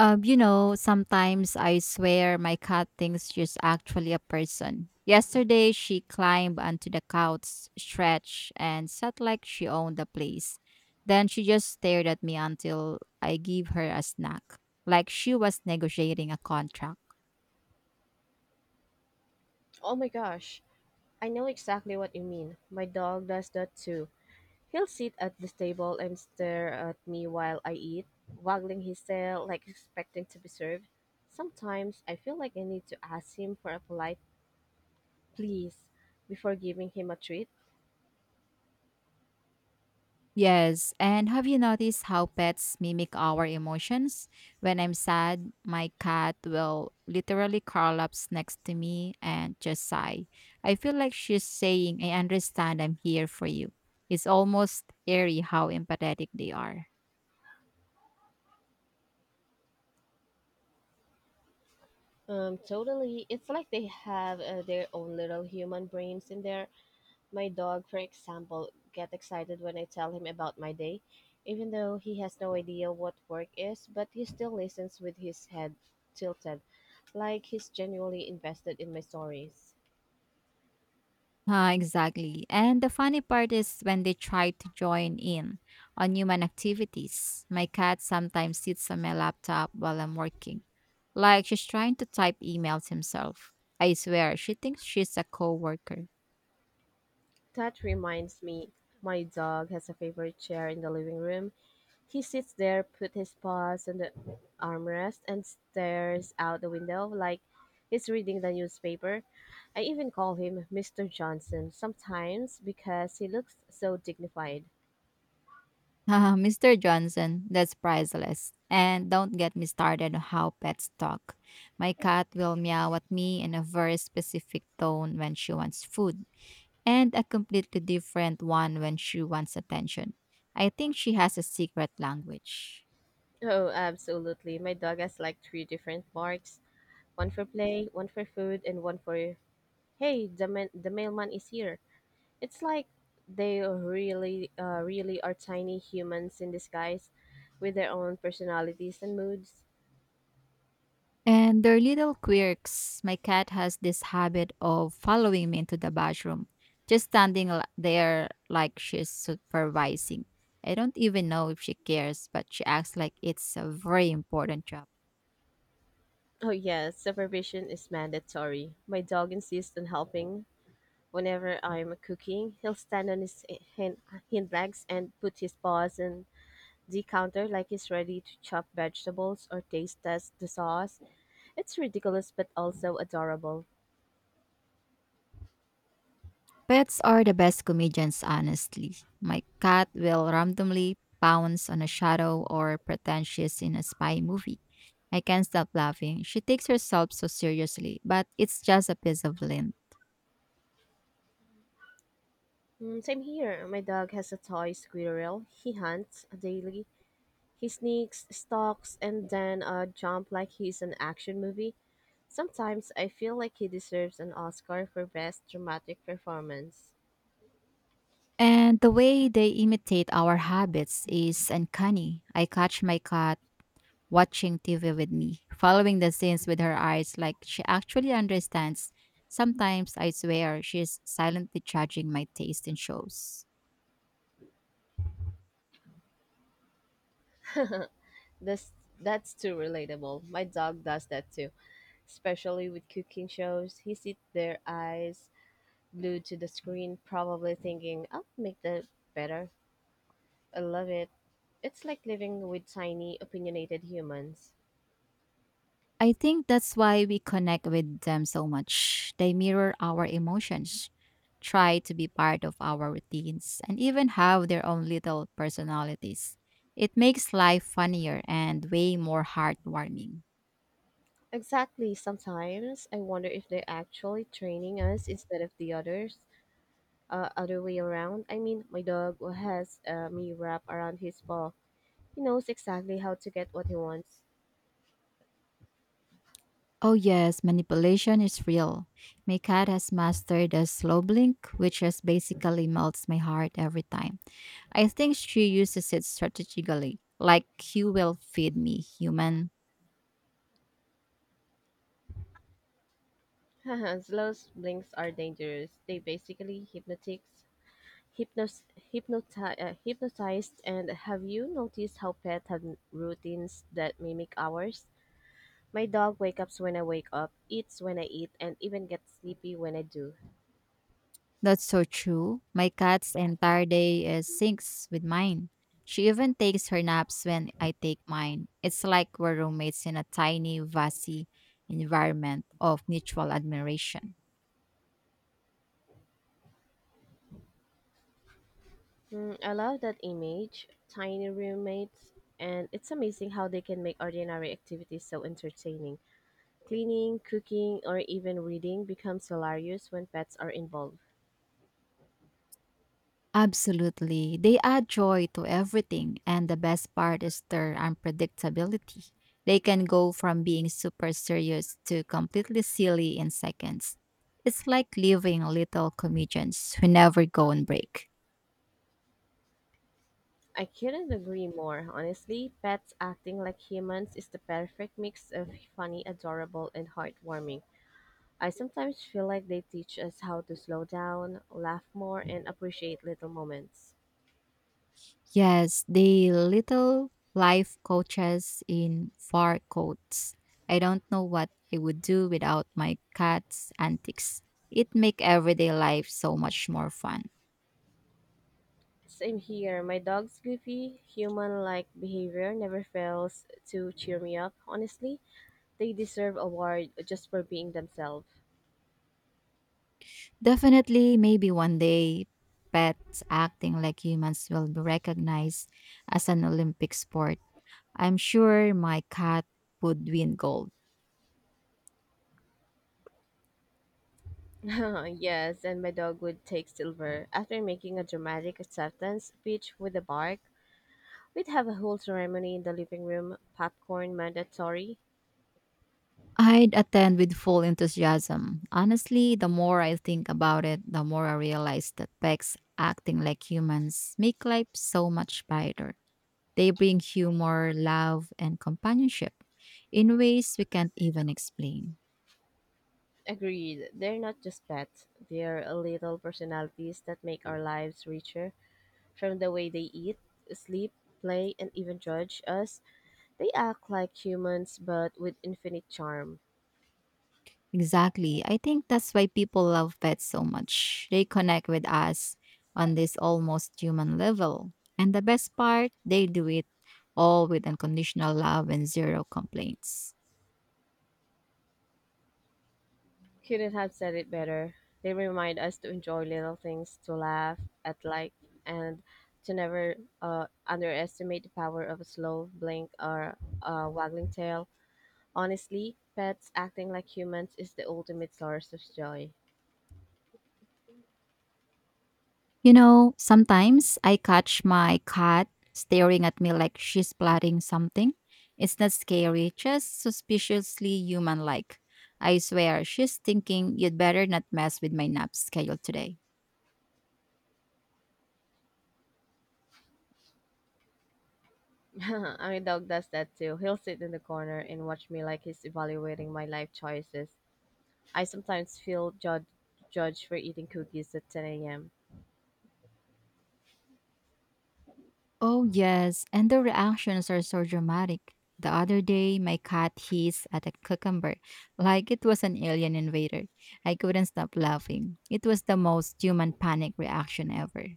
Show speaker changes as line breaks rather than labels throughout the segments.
Sometimes I swear my cat thinks she's actually a person. Yesterday, she climbed onto the couch, stretched, and sat like she owned the place. Then she just stared at me until I gave her a snack, like she was negotiating a contract.
Oh my gosh, I know exactly what you mean. My dog does that too. He'll sit at the table and stare at me while I eat, waggling his tail like expecting to be served. Sometimes I feel like I need to ask him for a polite please before giving him a treat.
Yes, and have you noticed how pets mimic our emotions? When I'm sad, my cat will literally curl up next to me and just sigh. I feel like she's saying, I understand I'm here for you. It's almost eerie how empathetic they are.
Totally. It's like they have their own little human brains in there. My dog, for example, get excited when I tell him about my day, even though he has no idea what work is, but he still listens with his head tilted, like he's genuinely invested in my stories.
Ah, exactly. And the funny part is when they try to join in on human activities. My cat sometimes sits on my laptop while I'm working, like she's trying to type emails himself. I swear, she thinks she's a coworker.
That reminds me, my dog has a favorite chair in the living room. He sits there, put his paws on the armrest and stares out the window like he's reading the newspaper. I even call him Mr. Johnson sometimes because he looks so dignified.
Ah, Mr. Johnson, that's priceless. And don't get me started on how pets talk. My cat will meow at me in a very specific tone when she wants food, and a completely different one when she wants attention. I think she has a secret language.
Oh, absolutely. My dog has like three different barks, one for play, one for food, and one for, hey, the mailman is here. It's like they really, really are tiny humans in disguise with their own personalities and moods.
And their little quirks. My cat has this habit of following me into the bathroom, just standing there like she's supervising. I don't even know if she cares, but she acts like it's a very important job.
Oh, yes, supervision is mandatory. My dog insists on helping. Whenever I'm cooking, he'll stand on his hind, hind legs and put his paws in the counter like he's ready to chop vegetables or taste test the sauce. It's ridiculous but also adorable.
Pets are the best comedians, honestly. My cat will randomly pounce on a shadow or pretend she's in a spy movie. I can't stop laughing. She takes herself so seriously, but it's just a piece of lint.
Mm, same here. My dog has a toy squirrel. He hunts daily. He sneaks, stalks, and then jump like he's an action movie. Sometimes I feel like he deserves an Oscar for best dramatic performance.
And the way they imitate our habits is uncanny. I catch my cat watching TV with me, following the scenes with her eyes like she actually understands. Sometimes I swear she's silently judging my taste in shows.
That's that's too relatable. My dog does that too, especially with cooking shows. He sits there, eyes glued to the screen, probably thinking, "I'll make that better." I love it. It's like living with tiny, opinionated humans.
I think that's why we connect with them so much. They mirror our emotions, try to be part of our routines, and even have their own little personalities. It makes life funnier and way more heartwarming.
Exactly. Sometimes I wonder if they're actually training us instead of the other way around. I mean, my dog has me wrapped around his paw. He knows exactly how to get what he wants.
Oh, yes, manipulation is real. My cat has mastered the slow blink, which just basically melts my heart every time. I think she uses it strategically, like, you will feed me, human.
Slow blinks are dangerous. They basically hypnos, hypnotized. And have you noticed how pets have routines that mimic ours? My dog wakes up when I wake up, eats when I eat, and even gets sleepy when I do.
That's so true. My cat's entire day is syncs with mine. She even takes her naps when I take mine. It's like we're roommates in a tiny, vasi environment of mutual admiration.
Hmm, I love that image, tiny roommates, and it's amazing how they can make ordinary activities so entertaining. Cleaning, cooking, or even reading becomes hilarious when pets are involved.
Absolutely. They add joy to everything, and the best part is their unpredictability. They can go from being super serious to completely silly in seconds. It's like living little comedians who never go on break.
I couldn't agree more. Honestly, pets acting like humans is the perfect mix of funny, adorable, and heartwarming. I sometimes feel like they teach us how to slow down, laugh more, and appreciate little moments.
Yes, the little life coaches in fur coats. I don't know what I would do without my cat's antics. It make everyday life so much more fun.
Same here. My dog's goofy, human like behavior never fails to cheer me up. Honestly, they deserve award just for being themselves.
Definitely, maybe one day, pets acting like humans will be recognized as an Olympic sport. I'm sure my cat would win gold.
Yes, and my dog would take silver. After making a dramatic acceptance speech with a bark, we'd have a whole ceremony in the living room, popcorn mandatory.
I'd attend with full enthusiasm. Honestly, the more I think about it, the more I realize that pets acting like humans make life so much brighter. They bring humor, love, and companionship in ways we can't even explain.
Agreed, they're not just pets, they're little personalities that make our lives richer from the way they eat, sleep, play, and even judge us. They act like humans, but with infinite charm.
Exactly. I think that's why people love pets so much. They connect with us on this almost human level. And the best part, they do it all with unconditional love and zero complaints.
Couldn't have said it better. They remind us to enjoy little things, to laugh at like, and to never underestimate the power of a slow blink or a waggling tail. Honestly, pets acting like humans is the ultimate source of joy.
You know, sometimes I catch my cat staring at me like she's plotting something. It's not scary, just suspiciously human like. I swear, she's thinking you'd better not mess with my nap schedule today.
I mean, dog does that too. He'll sit in the corner and watch me like he's evaluating my life choices. I sometimes feel judged for eating cookies at 10 a.m.
Oh, yes, and the reactions are so dramatic. The other day, my cat hissed at a cucumber like it was an alien invader. I couldn't stop laughing. It was the most human panic reaction ever.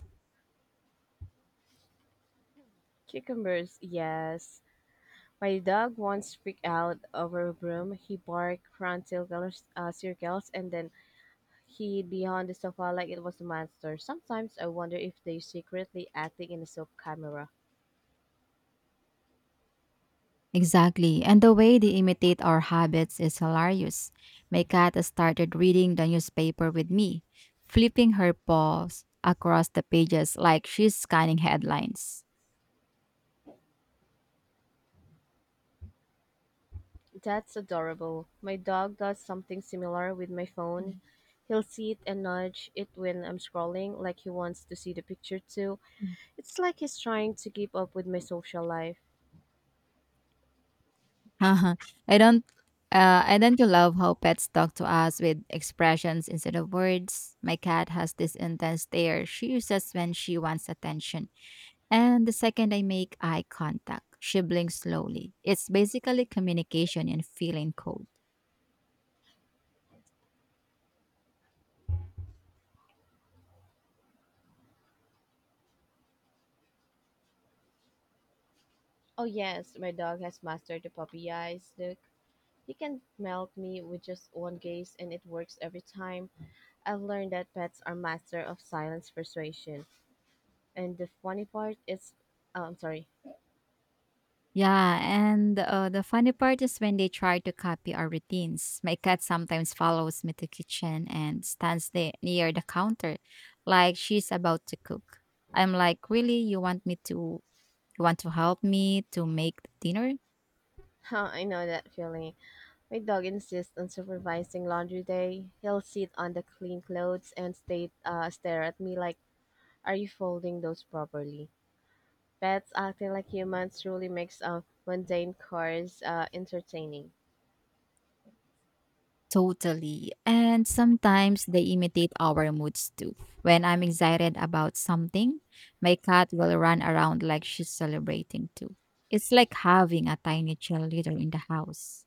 Cucumbers, yes. My dog once freaked out over a broom. He barked, ran circles, and then hid behind the sofa like it was a monster. Sometimes I wonder if they're secretly acting in a soap camera.
Exactly. And the way they imitate our habits is hilarious. My cat started reading the newspaper with me, flipping her paws across the pages like she's scanning headlines.
That's adorable. My dog does something similar with my
Mm.
phone. He'll see it and nudge it when I'm scrolling, like he wants to see the picture too. It's like he's trying to keep up with my social life.
I don't I don't you love how pets talk to us with expressions instead of words? My cat has this intense stare she uses when she wants attention. And the second I make eye contact, she blinks slowly. It's basically communication in feeling code.
Oh yes, my dog has mastered the puppy eyes look. You can melt me with just one gaze and it works every time. I've learned that pets are master of silence persuasion. And the funny part is oh, I'm sorry.
Yeah, and the funny part is when they try to copy our routines. My cat sometimes follows me to kitchen and stands there near the counter, like she's about to cook. I'm like, really, you want me to? You want to help me to make dinner?
I know that feeling. My dog insists on supervising laundry day. He'll sit on the clean clothes and stare at me like, "Are you folding those properly?" Pets acting like humans truly makes mundane chores entertaining.
Totally. And sometimes they imitate our moods too. When I'm excited about something, my cat will run around like she's celebrating too. It's like having a tiny cheerleader in the house.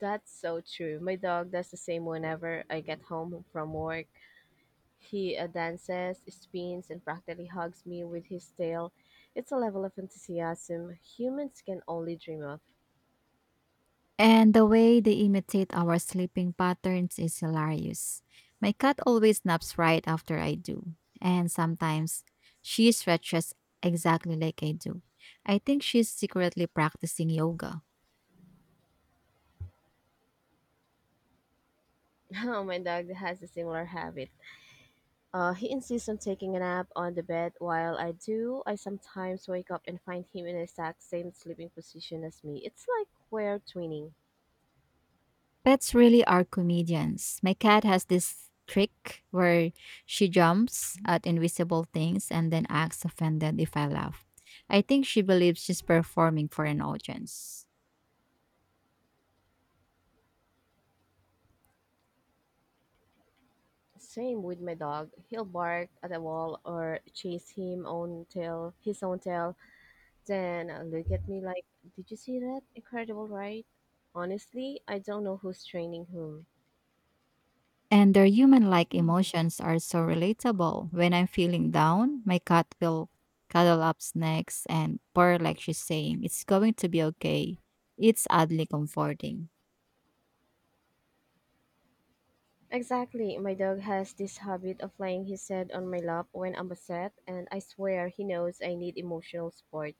That's so true. My dog does the same whenever I get home from work. He dances, spins, and practically hugs me with his tail. It's a level of enthusiasm humans can only dream of.
And the way they imitate our sleeping patterns is hilarious. My cat always naps right after I do, and sometimes she stretches exactly like I do. I think she's secretly practicing yoga.
Oh, my dog has a similar habit. He insists on taking a nap on the bed. While I do, I sometimes wake up and find him in the exact same sleeping position as me. It's like we're twinning.
Pets really are comedians. My cat has this trick where she jumps at invisible things and then acts offended if I laugh. I think she believes she's performing for an audience.
Same with my dog. He'll bark at a wall or chase his own tail. Then look at me like, did you see that? Incredible, right? Honestly, I don't know who's training whom.
And their human like emotions are so relatable. When I'm feeling down, my cat will cuddle up next and purr like she's saying, it's going to be okay. It's oddly comforting.
Exactly, my dog has this habit of laying his head on my lap when I'm upset, and I swear he knows I need emotional support,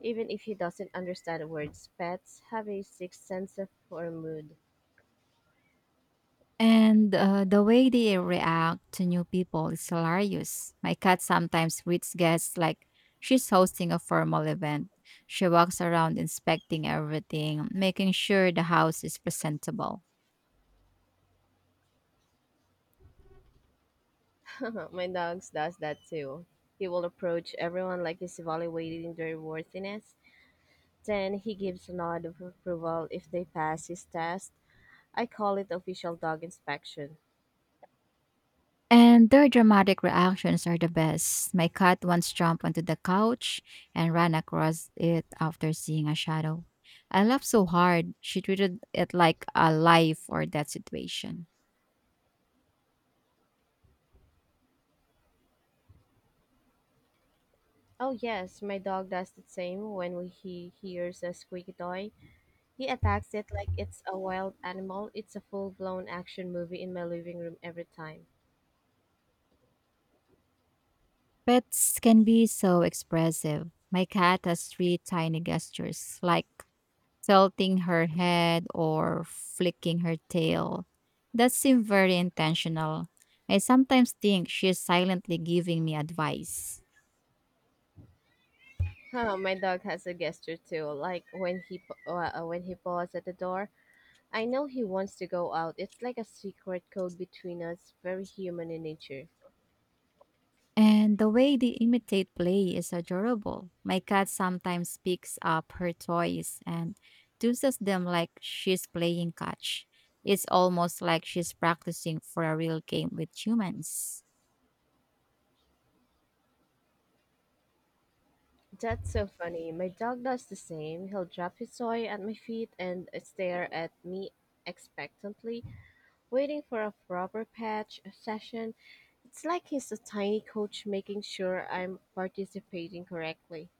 even if he doesn't understand words. Pets have a sixth sense of for mood.
And the way they react to new people is hilarious. My cat sometimes greets guests like she's hosting a formal event. She walks around inspecting everything, making sure the house is presentable.
My dog does that too. He will approach everyone like he's evaluating their worthiness. Then he gives a nod of approval if they pass his test. I call it official dog inspection.
And their dramatic reactions are the best. My cat once jumped onto the couch and ran across it after seeing a shadow. I laughed so hard, she treated it like a life or death situation.
Oh yes, my dog does the same when he hears a squeaky toy. He attacks it like it's a wild animal. It's a full-blown action movie in my living room every time.
Pets can be so expressive. My cat has three tiny gestures, like tilting her head or flicking her tail. That seems very intentional. I sometimes think she is silently giving me advice.
Huh, my dog has a gesture too, like when when he paws at the door. I know he wants to go out. It's like a secret code between us, very human in nature.
And the way they imitate play is adorable. My cat sometimes picks up her toys and uses them like she's playing catch. It's almost like she's practicing for a real game with humans.
That's so funny. My dog does the same. He'll drop his toy at my feet and stare at me expectantly, waiting for a proper patch session. It's like he's a tiny coach making sure I'm participating correctly.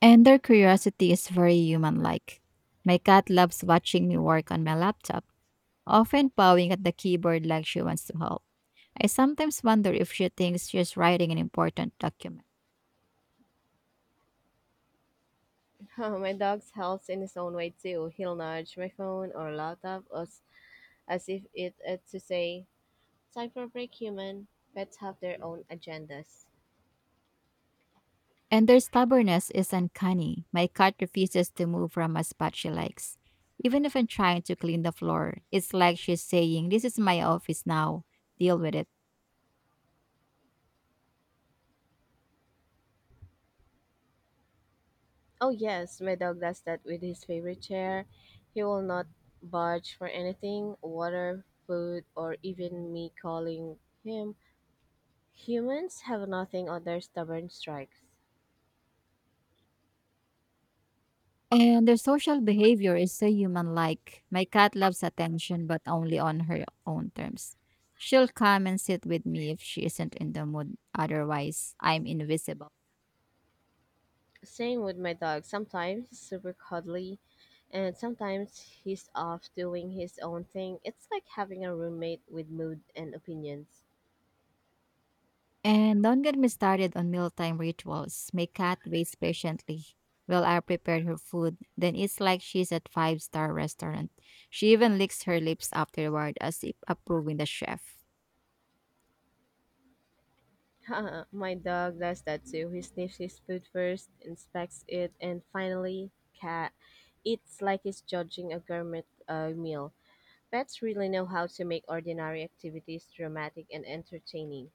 And their curiosity is very human like. My cat loves watching me work on my laptop, often pawing at the keyboard like she wants to help. I sometimes wonder if she thinks she's writing an important document.
My dog helps in his own way too. He'll nudge my phone or laptop as if it to say, time for a break, human. Pets have their own agendas.
And their stubbornness is uncanny. My cat refuses to move from a spot she likes. Even if I'm trying to clean the floor, it's like she's saying, this is my office now. Deal with it.
Oh, yes, my dog does that with his favorite chair. He will not budge for anything water, food, or even me calling him. Humans have nothing on their stubborn strikes.
And their social behavior is so human like. My cat loves attention, but only on her own terms. She'll come and sit with me if she isn't in the mood. Otherwise, I'm invisible.
Same with my dog. Sometimes he's super cuddly, and sometimes he's off doing his own thing. It's like having a roommate with mood and opinions.
And don't get me started on mealtime rituals. My cat waits patiently while I prepare her food. Then it's like she's at five-star restaurant. She even licks her lips afterward as if approving the chef.
My dog does that too. He sniffs his food first, inspects it, and finally, cat eats like he's judging a gourmet meal. Pets really know how to make ordinary activities dramatic and entertaining.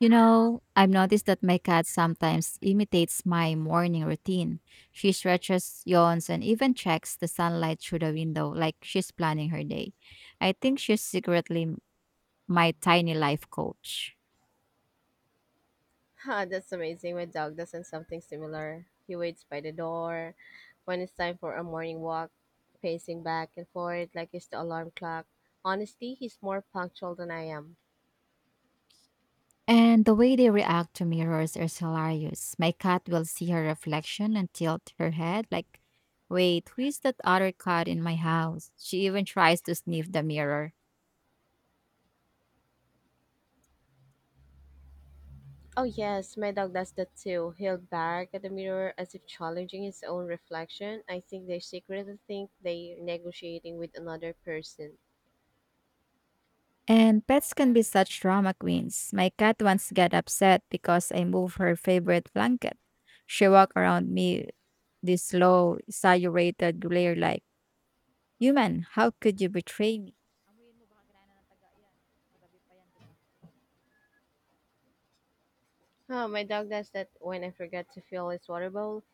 You know, I've noticed that my cat sometimes imitates my morning routine. She stretches, yawns, and even checks the sunlight through the window like she's planning her day. I think she's secretly my tiny life coach.
Ah, that's amazing. My dog does not something similar. He waits by the door when it's time for a morning walk, pacing back and forth like it's the alarm clock. Honestly, he's more punctual than I am.
And the way they react to mirrors is hilarious. My cat will see her reflection and tilt her head like, wait, who is that other cat in my house? She even tries to sniff the mirror.
Oh, yes, my dog does that too. He'll bark at the mirror as if challenging his own reflection. I think they secretly think they're negotiating with another person.
And pets can be such drama queens. My cat once got upset because I moved her favorite blanket. She walked around me this low, saturated glare like, human, how could you betray me? Amuyin mo baka kinain na ng taga yan. Kagabi pa yan, di ba?
Oh, my dog does that when I forget to fill his water bowl.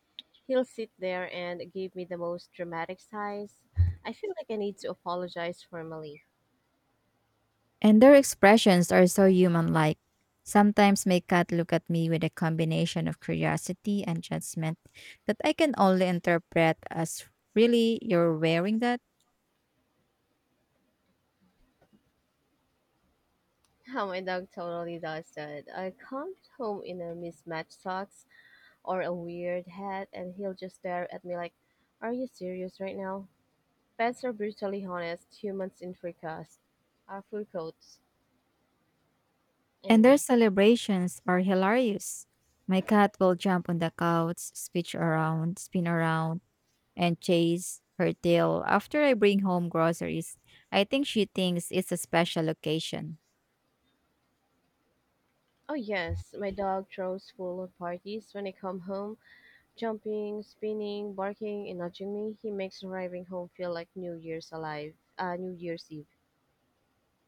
He'll sit there and give me the most dramatic sighs. I feel like I need to apologize formally.
And their expressions are so human like. Sometimes my cat look at me with a combination of curiosity and judgment that I can only interpret as, really, you're wearing that.
Oh, my dog totally does that. I come home in a mismatched socks or a weird hat, and he'll just stare at me like, "Are you serious right now?" Pets are brutally honest. Humans in fur coats. I
And their
mean.
celebrations are hilarious. My cat will jump on the couch, switch around, spin around, and chase her tail after I bring home groceries. I think she thinks it's a special occasion.
Oh yes, my dog throws full parties when I come home. Jumping, spinning, barking, and nudging me, he makes arriving home feel like New Year's alive. New Year's Eve.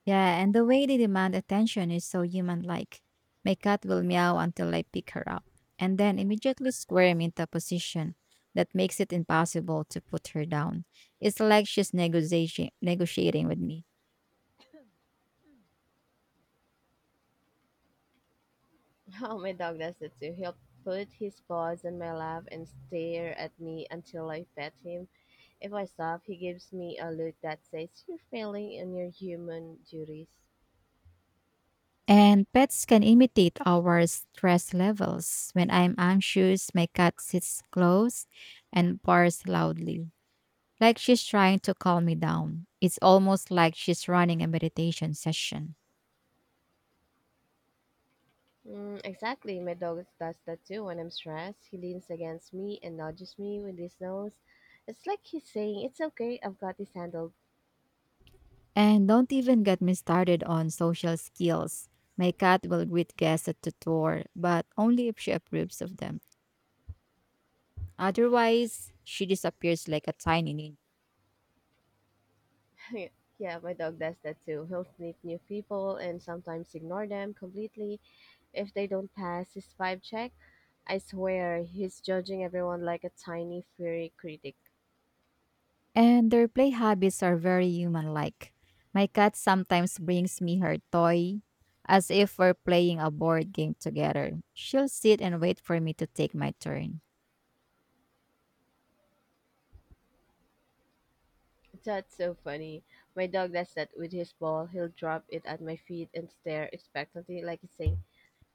Yeah, and the way they demand attention is so human like. My cat will meow until I pick her up, and then immediately squirm into a position that makes it impossible to put her down. It's like she's negotiating with me.
Oh, my dog does that too. He'll put his paws on my lap and stare at me until I pet him. If I stop, he gives me a look that says, "You're failing in your human duties."
And pets can imitate our stress levels. When I'm anxious, my cat sits close and barks loudly, like she's trying to calm me down. It's almost like she's running a meditation session.
Mm, exactly. My dog does that too when I'm stressed. He leans against me and nudges me with his nose. It's like he's saying, it's okay, I've got this handled.
And don't even get me started on social skills. My cat will greet guests at the door, but only if she approves of them. Otherwise, she disappears like a tiny ninja.
Yeah, my dog does that too. He'll sniff new people and sometimes ignore them completely if they don't pass his vibe check. I swear, he's judging everyone like a tiny furry critic.
And their play habits are very human like. My cat sometimes brings me her toy as if we're playing a board game together. She'll sit and wait for me to take my turn.
That's so funny. My dog does that with his ball. He'll drop it at my feet and stare expectantly, like he's saying,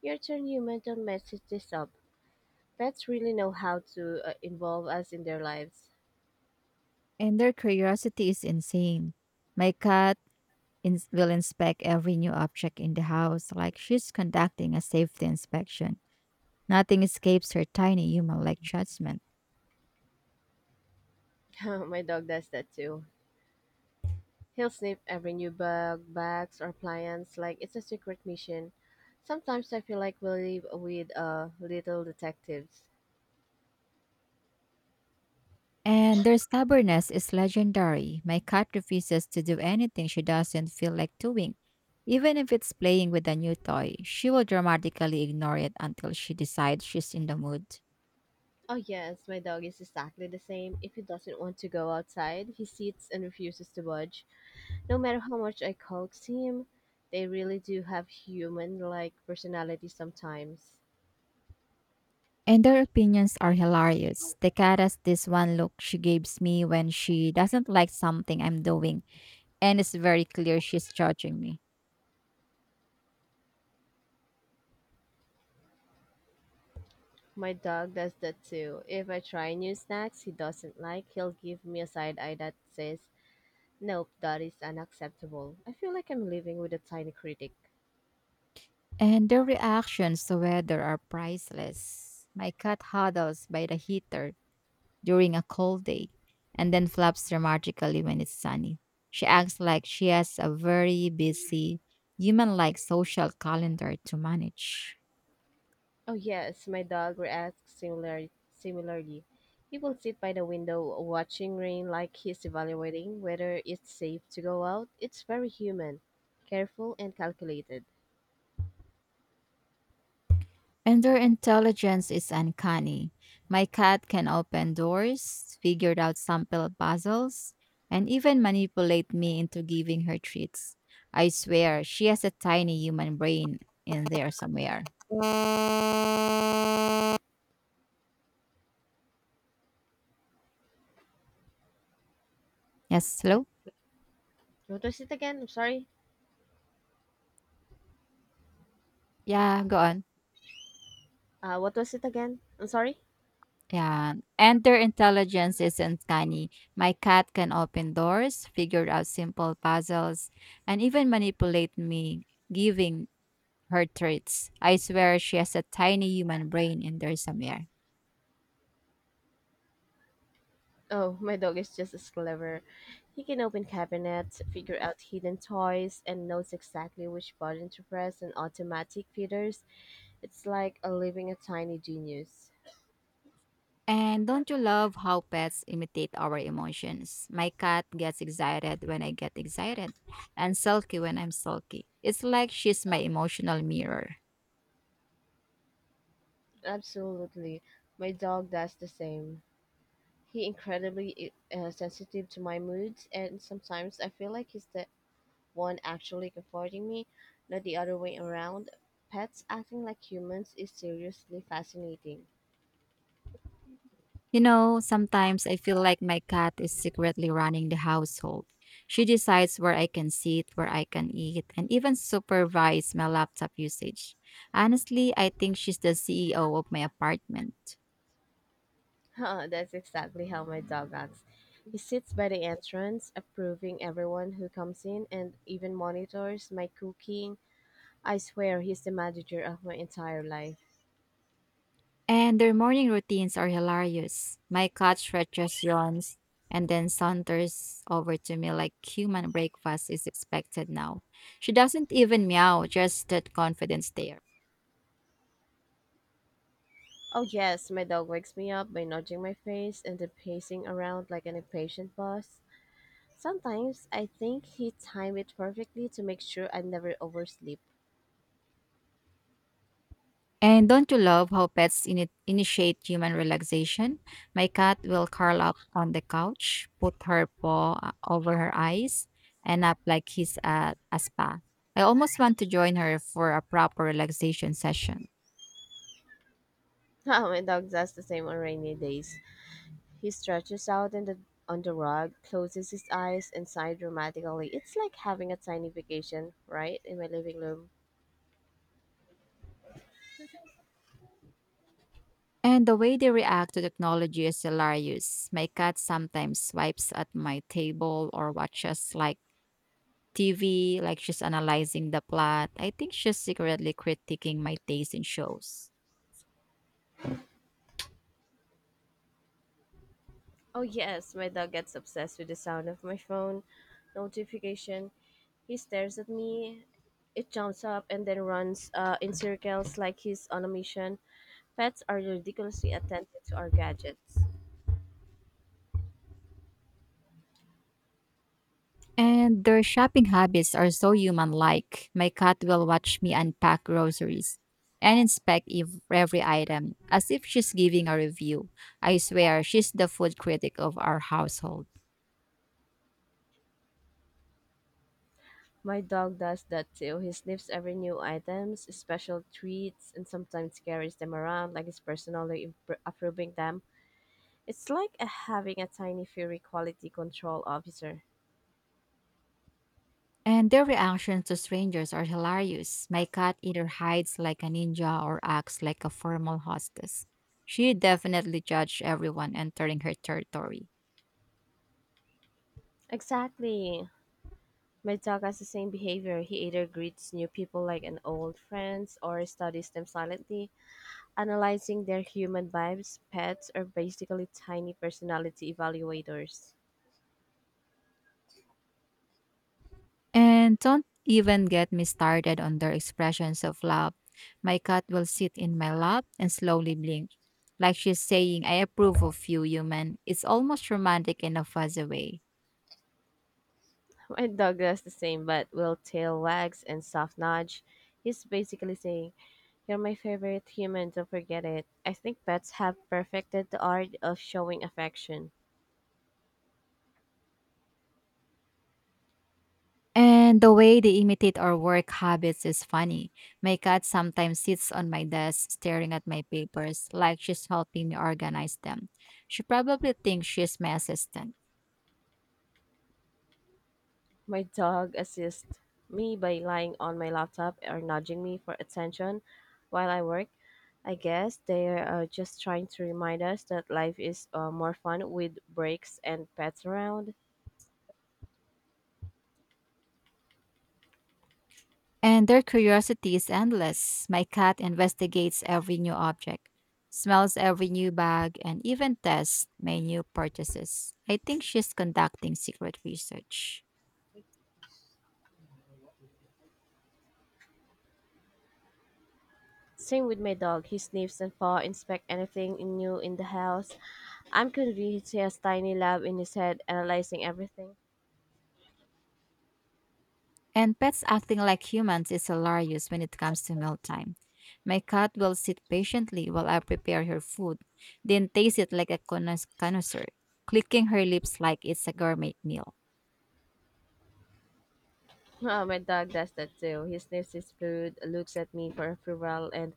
your turn, human, don't this up. Pets really know how to involve us in their lives.
And their curiosity is insane. My cat ins will inspect every new object in the house like she's conducting a safety inspection. Nothing escapes her tiny human like judgment.
My dog does that too. He'll sniff every new bug, bags, or appliance like it's a secret mission. Sometimes I feel like we live with little detectives.
And their stubbornness is legendary. My cat refuses to do anything she doesn't feel like doing. Even if it's playing with a new toy, she will dramatically ignore it until she decides she's in the mood.
Oh, yes, my dog is exactly the same. If he doesn't want to go outside, he sits and refuses to budge. No matter how much I coax him, they really do have human like personality sometimes.
And their opinions are hilarious. The cat has this one look she gives me when she doesn't like something I'm doing, and it's very clear she's judging me.
My dog does that too. If I try new snacks he doesn't like, he'll give me a side eye that says, "Nope, that is unacceptable." I feel like I'm living with a tiny critic.
And their reactions to weather are priceless. My cat huddles by the heater during a cold day and then flaps dramatically when it's sunny. She acts like she has a very busy, human like social calendar to manage.
Oh yes, my dog reacts similarly. He will sit by the window watching rain like he's evaluating whether it's safe to go out. It's very human, careful and calculated.
And their intelligence is uncanny. My cat can open doors, figure out sample puzzles, and even manipulate me into giving her treats. I swear, she has a tiny human brain in there somewhere. Yes, hello?
What was it again? I'm sorry.
Yeah, go on.
What was it again? I'm sorry.
Yeah. And their intelligence is uncanny. My cat can open doors, figure out simple puzzles, and even manipulate me, giving her traits. I swear she has a tiny human brain in there somewhere.
Oh, my dog is just as clever. He can open cabinets, figure out hidden toys, and knows exactly which button to press on automatic feeders. It's like a living a tiny genius.
And don't you love how pets imitate our emotions? My cat gets excited when I get excited and sulky when I'm sulky. It's like she's my emotional mirror.
Absolutely. My dog does the same. He incredibly sensitive to my moods, and sometimes I feel like he's the one actually comforting me, not the other way around. Pets acting like humans is seriously fascinating.
You know, sometimes I feel like my cat is secretly running the household. She decides where I can sit, where I can eat, and even supervise my laptop usage. Honestly, I think she's the CEO of my apartment.
Huh, that's exactly how my dog acts. He sits by the entrance, approving everyone who comes in and even monitors my cooking. I swear he's the manager of my entire life.
And their morning routines are hilarious. My cat stretches, yawns, and then saunters over to me like human breakfast is expected now. She doesn't even meow, just that confidence there.
Oh, yes, my dog wakes me up by nudging my face and then pacing around like an impatient boss. Sometimes I think he timed it perfectly to make sure I never oversleep.
And don't you love how pets initiate human relaxation? My cat will curl up on the couch, put her paw over her eyes, and up like he's at a spa. I almost want to join her for a proper relaxation session.
Oh, my dog does the same on rainy days. He stretches out in on the rug, closes his eyes, and sighs dramatically. It's like having a tiny vacation, right, in my living room.
And the way they react to technology is hilarious. My cat sometimes swipes at my table or watches like TV, like she's analyzing the plot. I think she's secretly critiquing my taste in shows.
Oh, yes, my dog gets obsessed with the sound of my phone notification. He stares at me. It jumps up and then runs in circles like he's on a mission. Pets are ridiculously attentive to our gadgets.
And their shopping habits are so human like. My cat will watch me unpack groceries and inspect every item as if she's giving a review. I swear she's the food critic of our household.
My dog does that too. He sniffs every new items, special treats, and sometimes carries them around like he's personally approving them. It's like having a tiny furry quality control officer.
And their reactions to strangers are hilarious. My cat either hides like a ninja or acts like a formal hostess. She definitely judged everyone entering her territory.
Exactly. My dog has the same behavior. He either greets new people like an old friend or studies them silently, analyzing their human vibes. Pets are basically tiny personality evaluators.
And don't even get me started on their expressions of love. My cat will sit in my lap and slowly blink, like she's saying, I approve of you, human. It's almost romantic in a fuzzy way.
My dog does the same, but will tail wags and soft nudge. He's basically saying, "You're my favorite human, don't forget it." I think pets have perfected the art of showing affection.
And the way they imitate our work habits is funny. My cat sometimes sits on my desk staring at my papers like she's helping me organize them. She probably thinks she's my assistant.
My dog assists me by lying on my laptop or nudging me for attention while I work. I guess they are just trying to remind us that life is more fun with breaks and pets around.
And their curiosity is endless. My cat investigates every new object, smells every new bag, and even tests my new purchases. I think she's conducting secret research.
Same with my dog. He sniffs and paw inspect anything new in the house. I'm convinced he has tiny lab in his head analyzing everything.
And pets acting like humans is hilarious when it comes to mealtime. My cat will sit patiently while I prepare her food, then taste it like a connoisseur, clicking her lips like it's a gourmet meal.
Oh, my dog does that too. He sniffs his food, looks at me for approval, and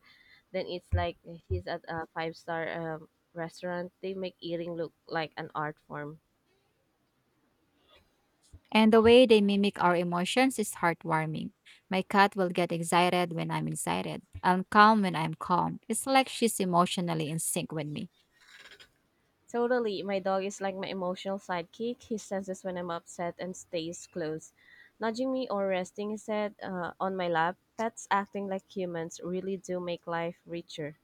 then it's like he's at a five star restaurant. They make eating look like an art form.
And the way they mimic our emotions is heartwarming. My cat will get excited when I'm excited, and calm when I'm calm. It's like she's emotionally in sync with me.
Totally. My dog is like my emotional sidekick. He senses when I'm upset and stays close, nudging me or resting his head on my lap. Pets acting like humans really do make life richer.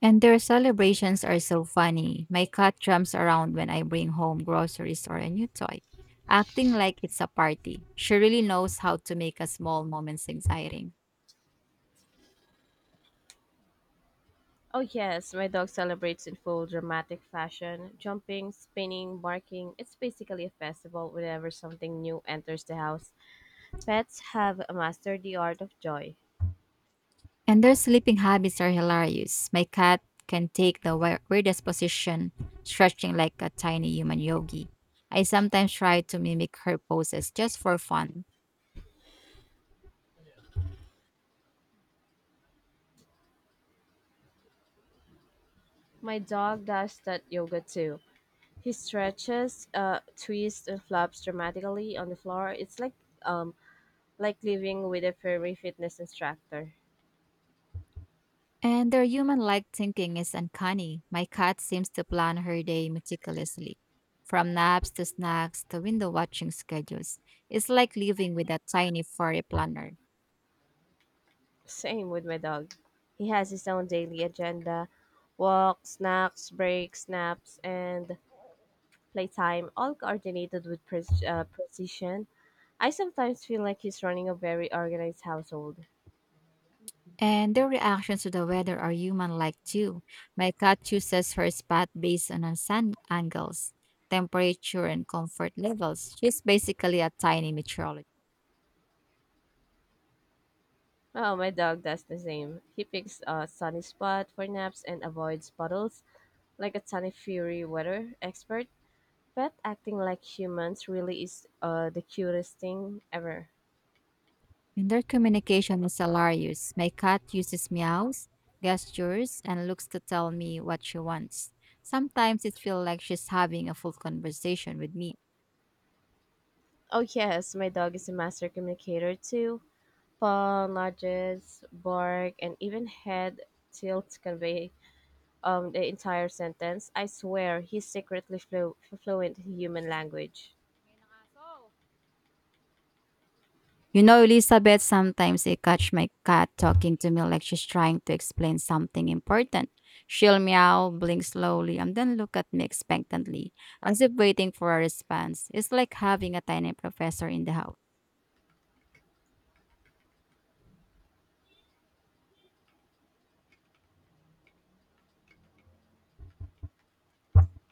And their celebrations are so funny. My cat jumps around when I bring home groceries or a new toy, acting like it's a party. She really knows how to make a small moments exciting.
Oh, yes, my dog celebrates in full dramatic fashion, jumping, spinning, barking. It's basically a festival whenever something new enters the house. Pets have mastered the art of joy.
And their sleeping habits are hilarious. My cat can take the weirdest position, stretching like a tiny human yogi. I sometimes try to mimic her poses just for fun.
My dog does that yoga too. He stretches, twists, and flops dramatically on the floor. It's um, like living with a furry fitness instructor.
And their human like thinking is uncanny. My cat seems to plan her day meticulously, from naps to snacks to window watching schedules. It's like living with a tiny furry planner.
Same with my dog. He has his own daily agenda: walks, snacks, breaks, naps, and playtime, all coordinated with precision. I sometimes feel like he's running a very organized household.
And their reactions to the weather are human like too. My cat chooses her spot based on her sun angles, temperature, and comfort levels. She's basically a tiny meteorologist.
Oh, my dog does the same. He picks a sunny spot for naps and avoids puddles like a sunny fury weather expert. Pet acting like humans really is the cutest thing ever.
And their communication is hilarious. My cat uses meows, gestures, and looks to tell me what she wants. Sometimes it feels like she's having a full conversation with me.
Oh yes, my dog is a master communicator too. Paw nudges, bark, and even head tilt convey the entire sentence. I swear, he's secretly fluent in human language.
You know, Elizabeth, sometimes I catch my cat talking to me like she's trying to explain something important. She'll meow, blink slowly, and then look at me expectantly, as if waiting for a response. It's like having a tiny professor in the house.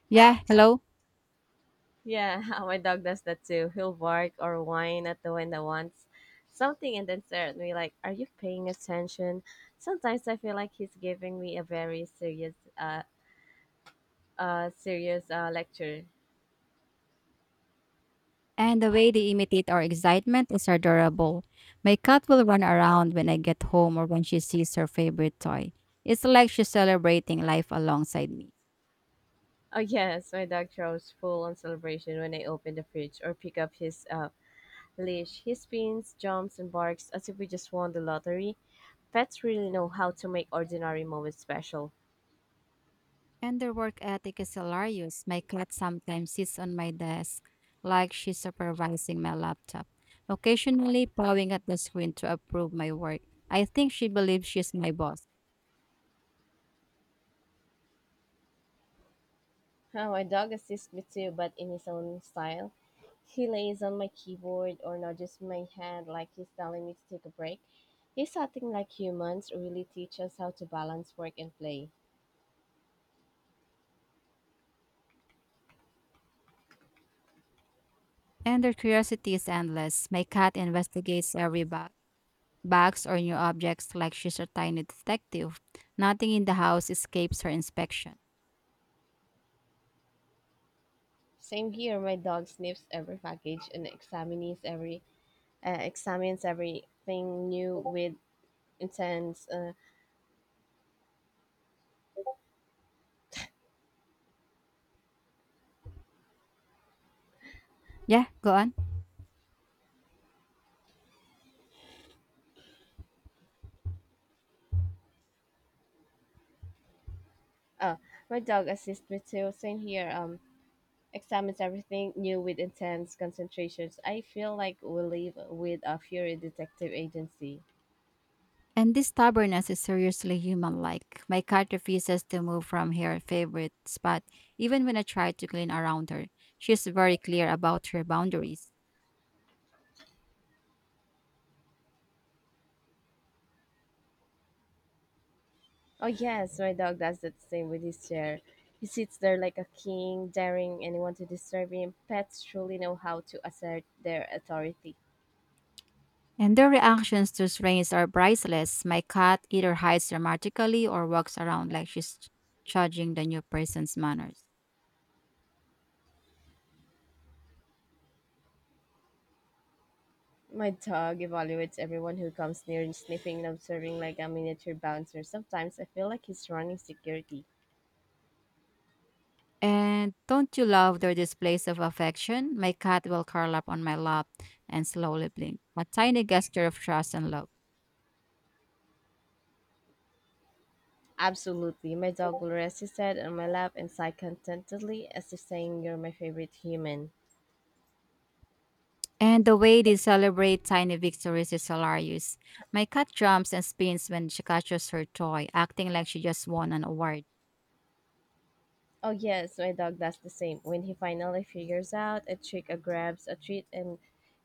Yeah, hello?
Yeah, my dog does that too. He'll bark or whine at the window once something and then stare at me like, "Are you paying attention?" Sometimes I feel like he's giving me a very serious serious lecture.
And the way they imitate our excitement is adorable. My cat will run around when I get home or when she sees her favorite toy. It's like she's celebrating life alongside me.
Oh yes, my dog throws full on celebration when I open the fridge or pick up his leash. He spins, jumps, and barks as if we just won the lottery. Pets really know how to make ordinary moments special.
And their work ethic is hilarious. My cat sometimes sits on my desk like she's supervising my laptop, occasionally pawing at the screen to approve my work. I think she believes she's my boss.
Huh, my dog assists me too, but in his own style. He lays on my keyboard or nudges my hand like he's telling me to take a break. He's acting like humans really teach us how to balance work and play.
And their curiosity is endless. My cat investigates every bag, bags or new objects like she's a tiny detective. Nothing in the house escapes her inspection.
Same here, my dog sniffs every package and examines everything new with intense.
Yeah, go on.
Oh, my dog assists me too. Same here. Examines everything new with intense concentrations. I feel like we live with a fury detective agency.
And this stubbornness is seriously human like. My cat refuses to move from her favorite spot even when I try to clean around her. She's very clear about her boundaries.
Oh yes, my dog does the same with his chair. He sits there like a king, daring anyone to disturb him. Pets truly know how to assert their authority.
And their reactions to strains are priceless. My cat either hides dramatically or walks around like she's judging the new person's manners.
My dog evaluates everyone who comes near, and sniffing and observing like a miniature bouncer. Sometimes I feel like he's running security.
And don't you love their displays of affection? My cat will curl up on my lap and slowly blink, a tiny gesture of trust and love.
Absolutely. My dog will rest his head on my lap and sigh contentedly as if saying, "You're my favorite human."
And the way they celebrate tiny victories is hilarious. My cat jumps and spins when she catches her toy, acting like she just won an award.
Oh, yes, my dog does the same. When he finally figures out a trick or grabs a treat, and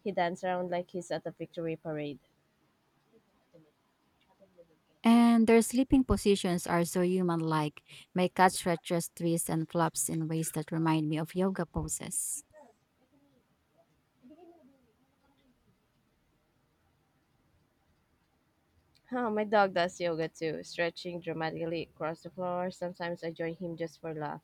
he dances around like he's at a victory parade.
And their sleeping positions are so human like. My cat stretches, twists, and flops in ways that remind me of yoga poses.
Oh, my dog does yoga too, stretching dramatically across the floor. Sometimes I join him just for laugh.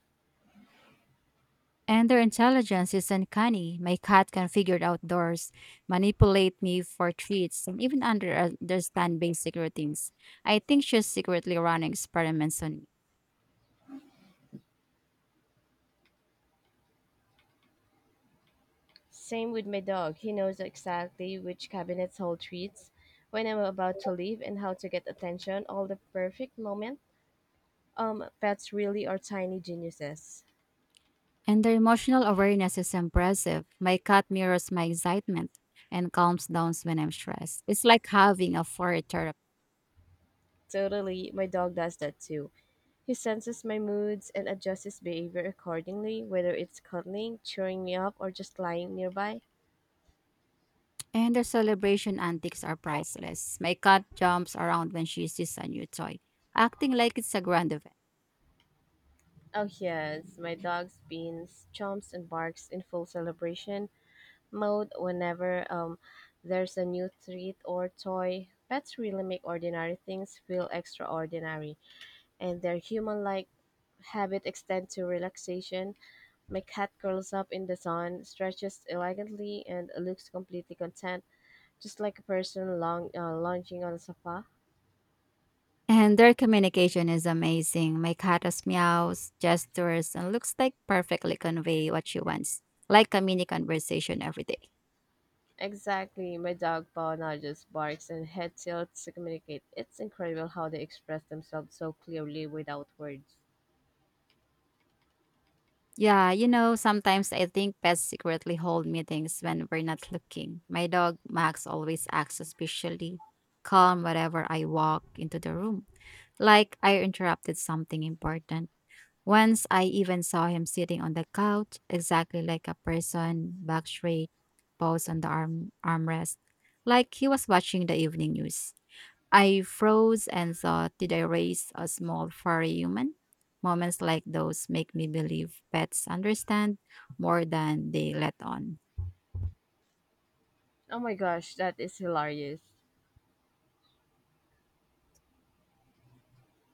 And their intelligence is uncanny. My cat can figure it out doors, manipulate me for treats, and even understand basic routines. I think she's secretly running experiments on me.
Same with my dog. He knows exactly which cabinets hold treats, when I'm about to leave, and how to get attention. All the perfect moment. Pets really are tiny geniuses.
And their emotional awareness is impressive. My cat mirrors my excitement and calms down when I'm stressed. It's like having a furry therapist.
Totally, my dog does that too. He senses my moods and adjusts his behavior accordingly, whether it's cuddling, cheering me up, or just lying nearby.
And their celebration antics are priceless. My cat jumps around when she sees a new toy, acting like it's a grand event.
Oh, yes, my dog spins, chomps, and barks in full celebration mode whenever there's a new treat or toy. Pets really make ordinary things feel extraordinary, and their human like habit extend to relaxation. My cat curls up in the sun, stretches elegantly, and looks completely content, just like a person lounging on a sofa.
And their communication is amazing. My cat has meows, gestures, and looks like perfectly convey what she wants, like a mini conversation every day.
Exactly, my dog paw nudges, barks, and head tilts to communicate. It's incredible how they express themselves so clearly without words.
Yeah, you know, sometimes I think pets secretly hold meetings when we're not looking. My dog, Max, always acts suspiciously calm whenever I walk into the room, like I interrupted something important. Once I even saw him sitting on the couch, exactly like a person, back straight, paws on the arm armrest, like he was watching the evening news. I froze and thought, did I raise a small, furry human? Moments like those make me believe pets understand more than they let on.
Oh my gosh, that is hilarious.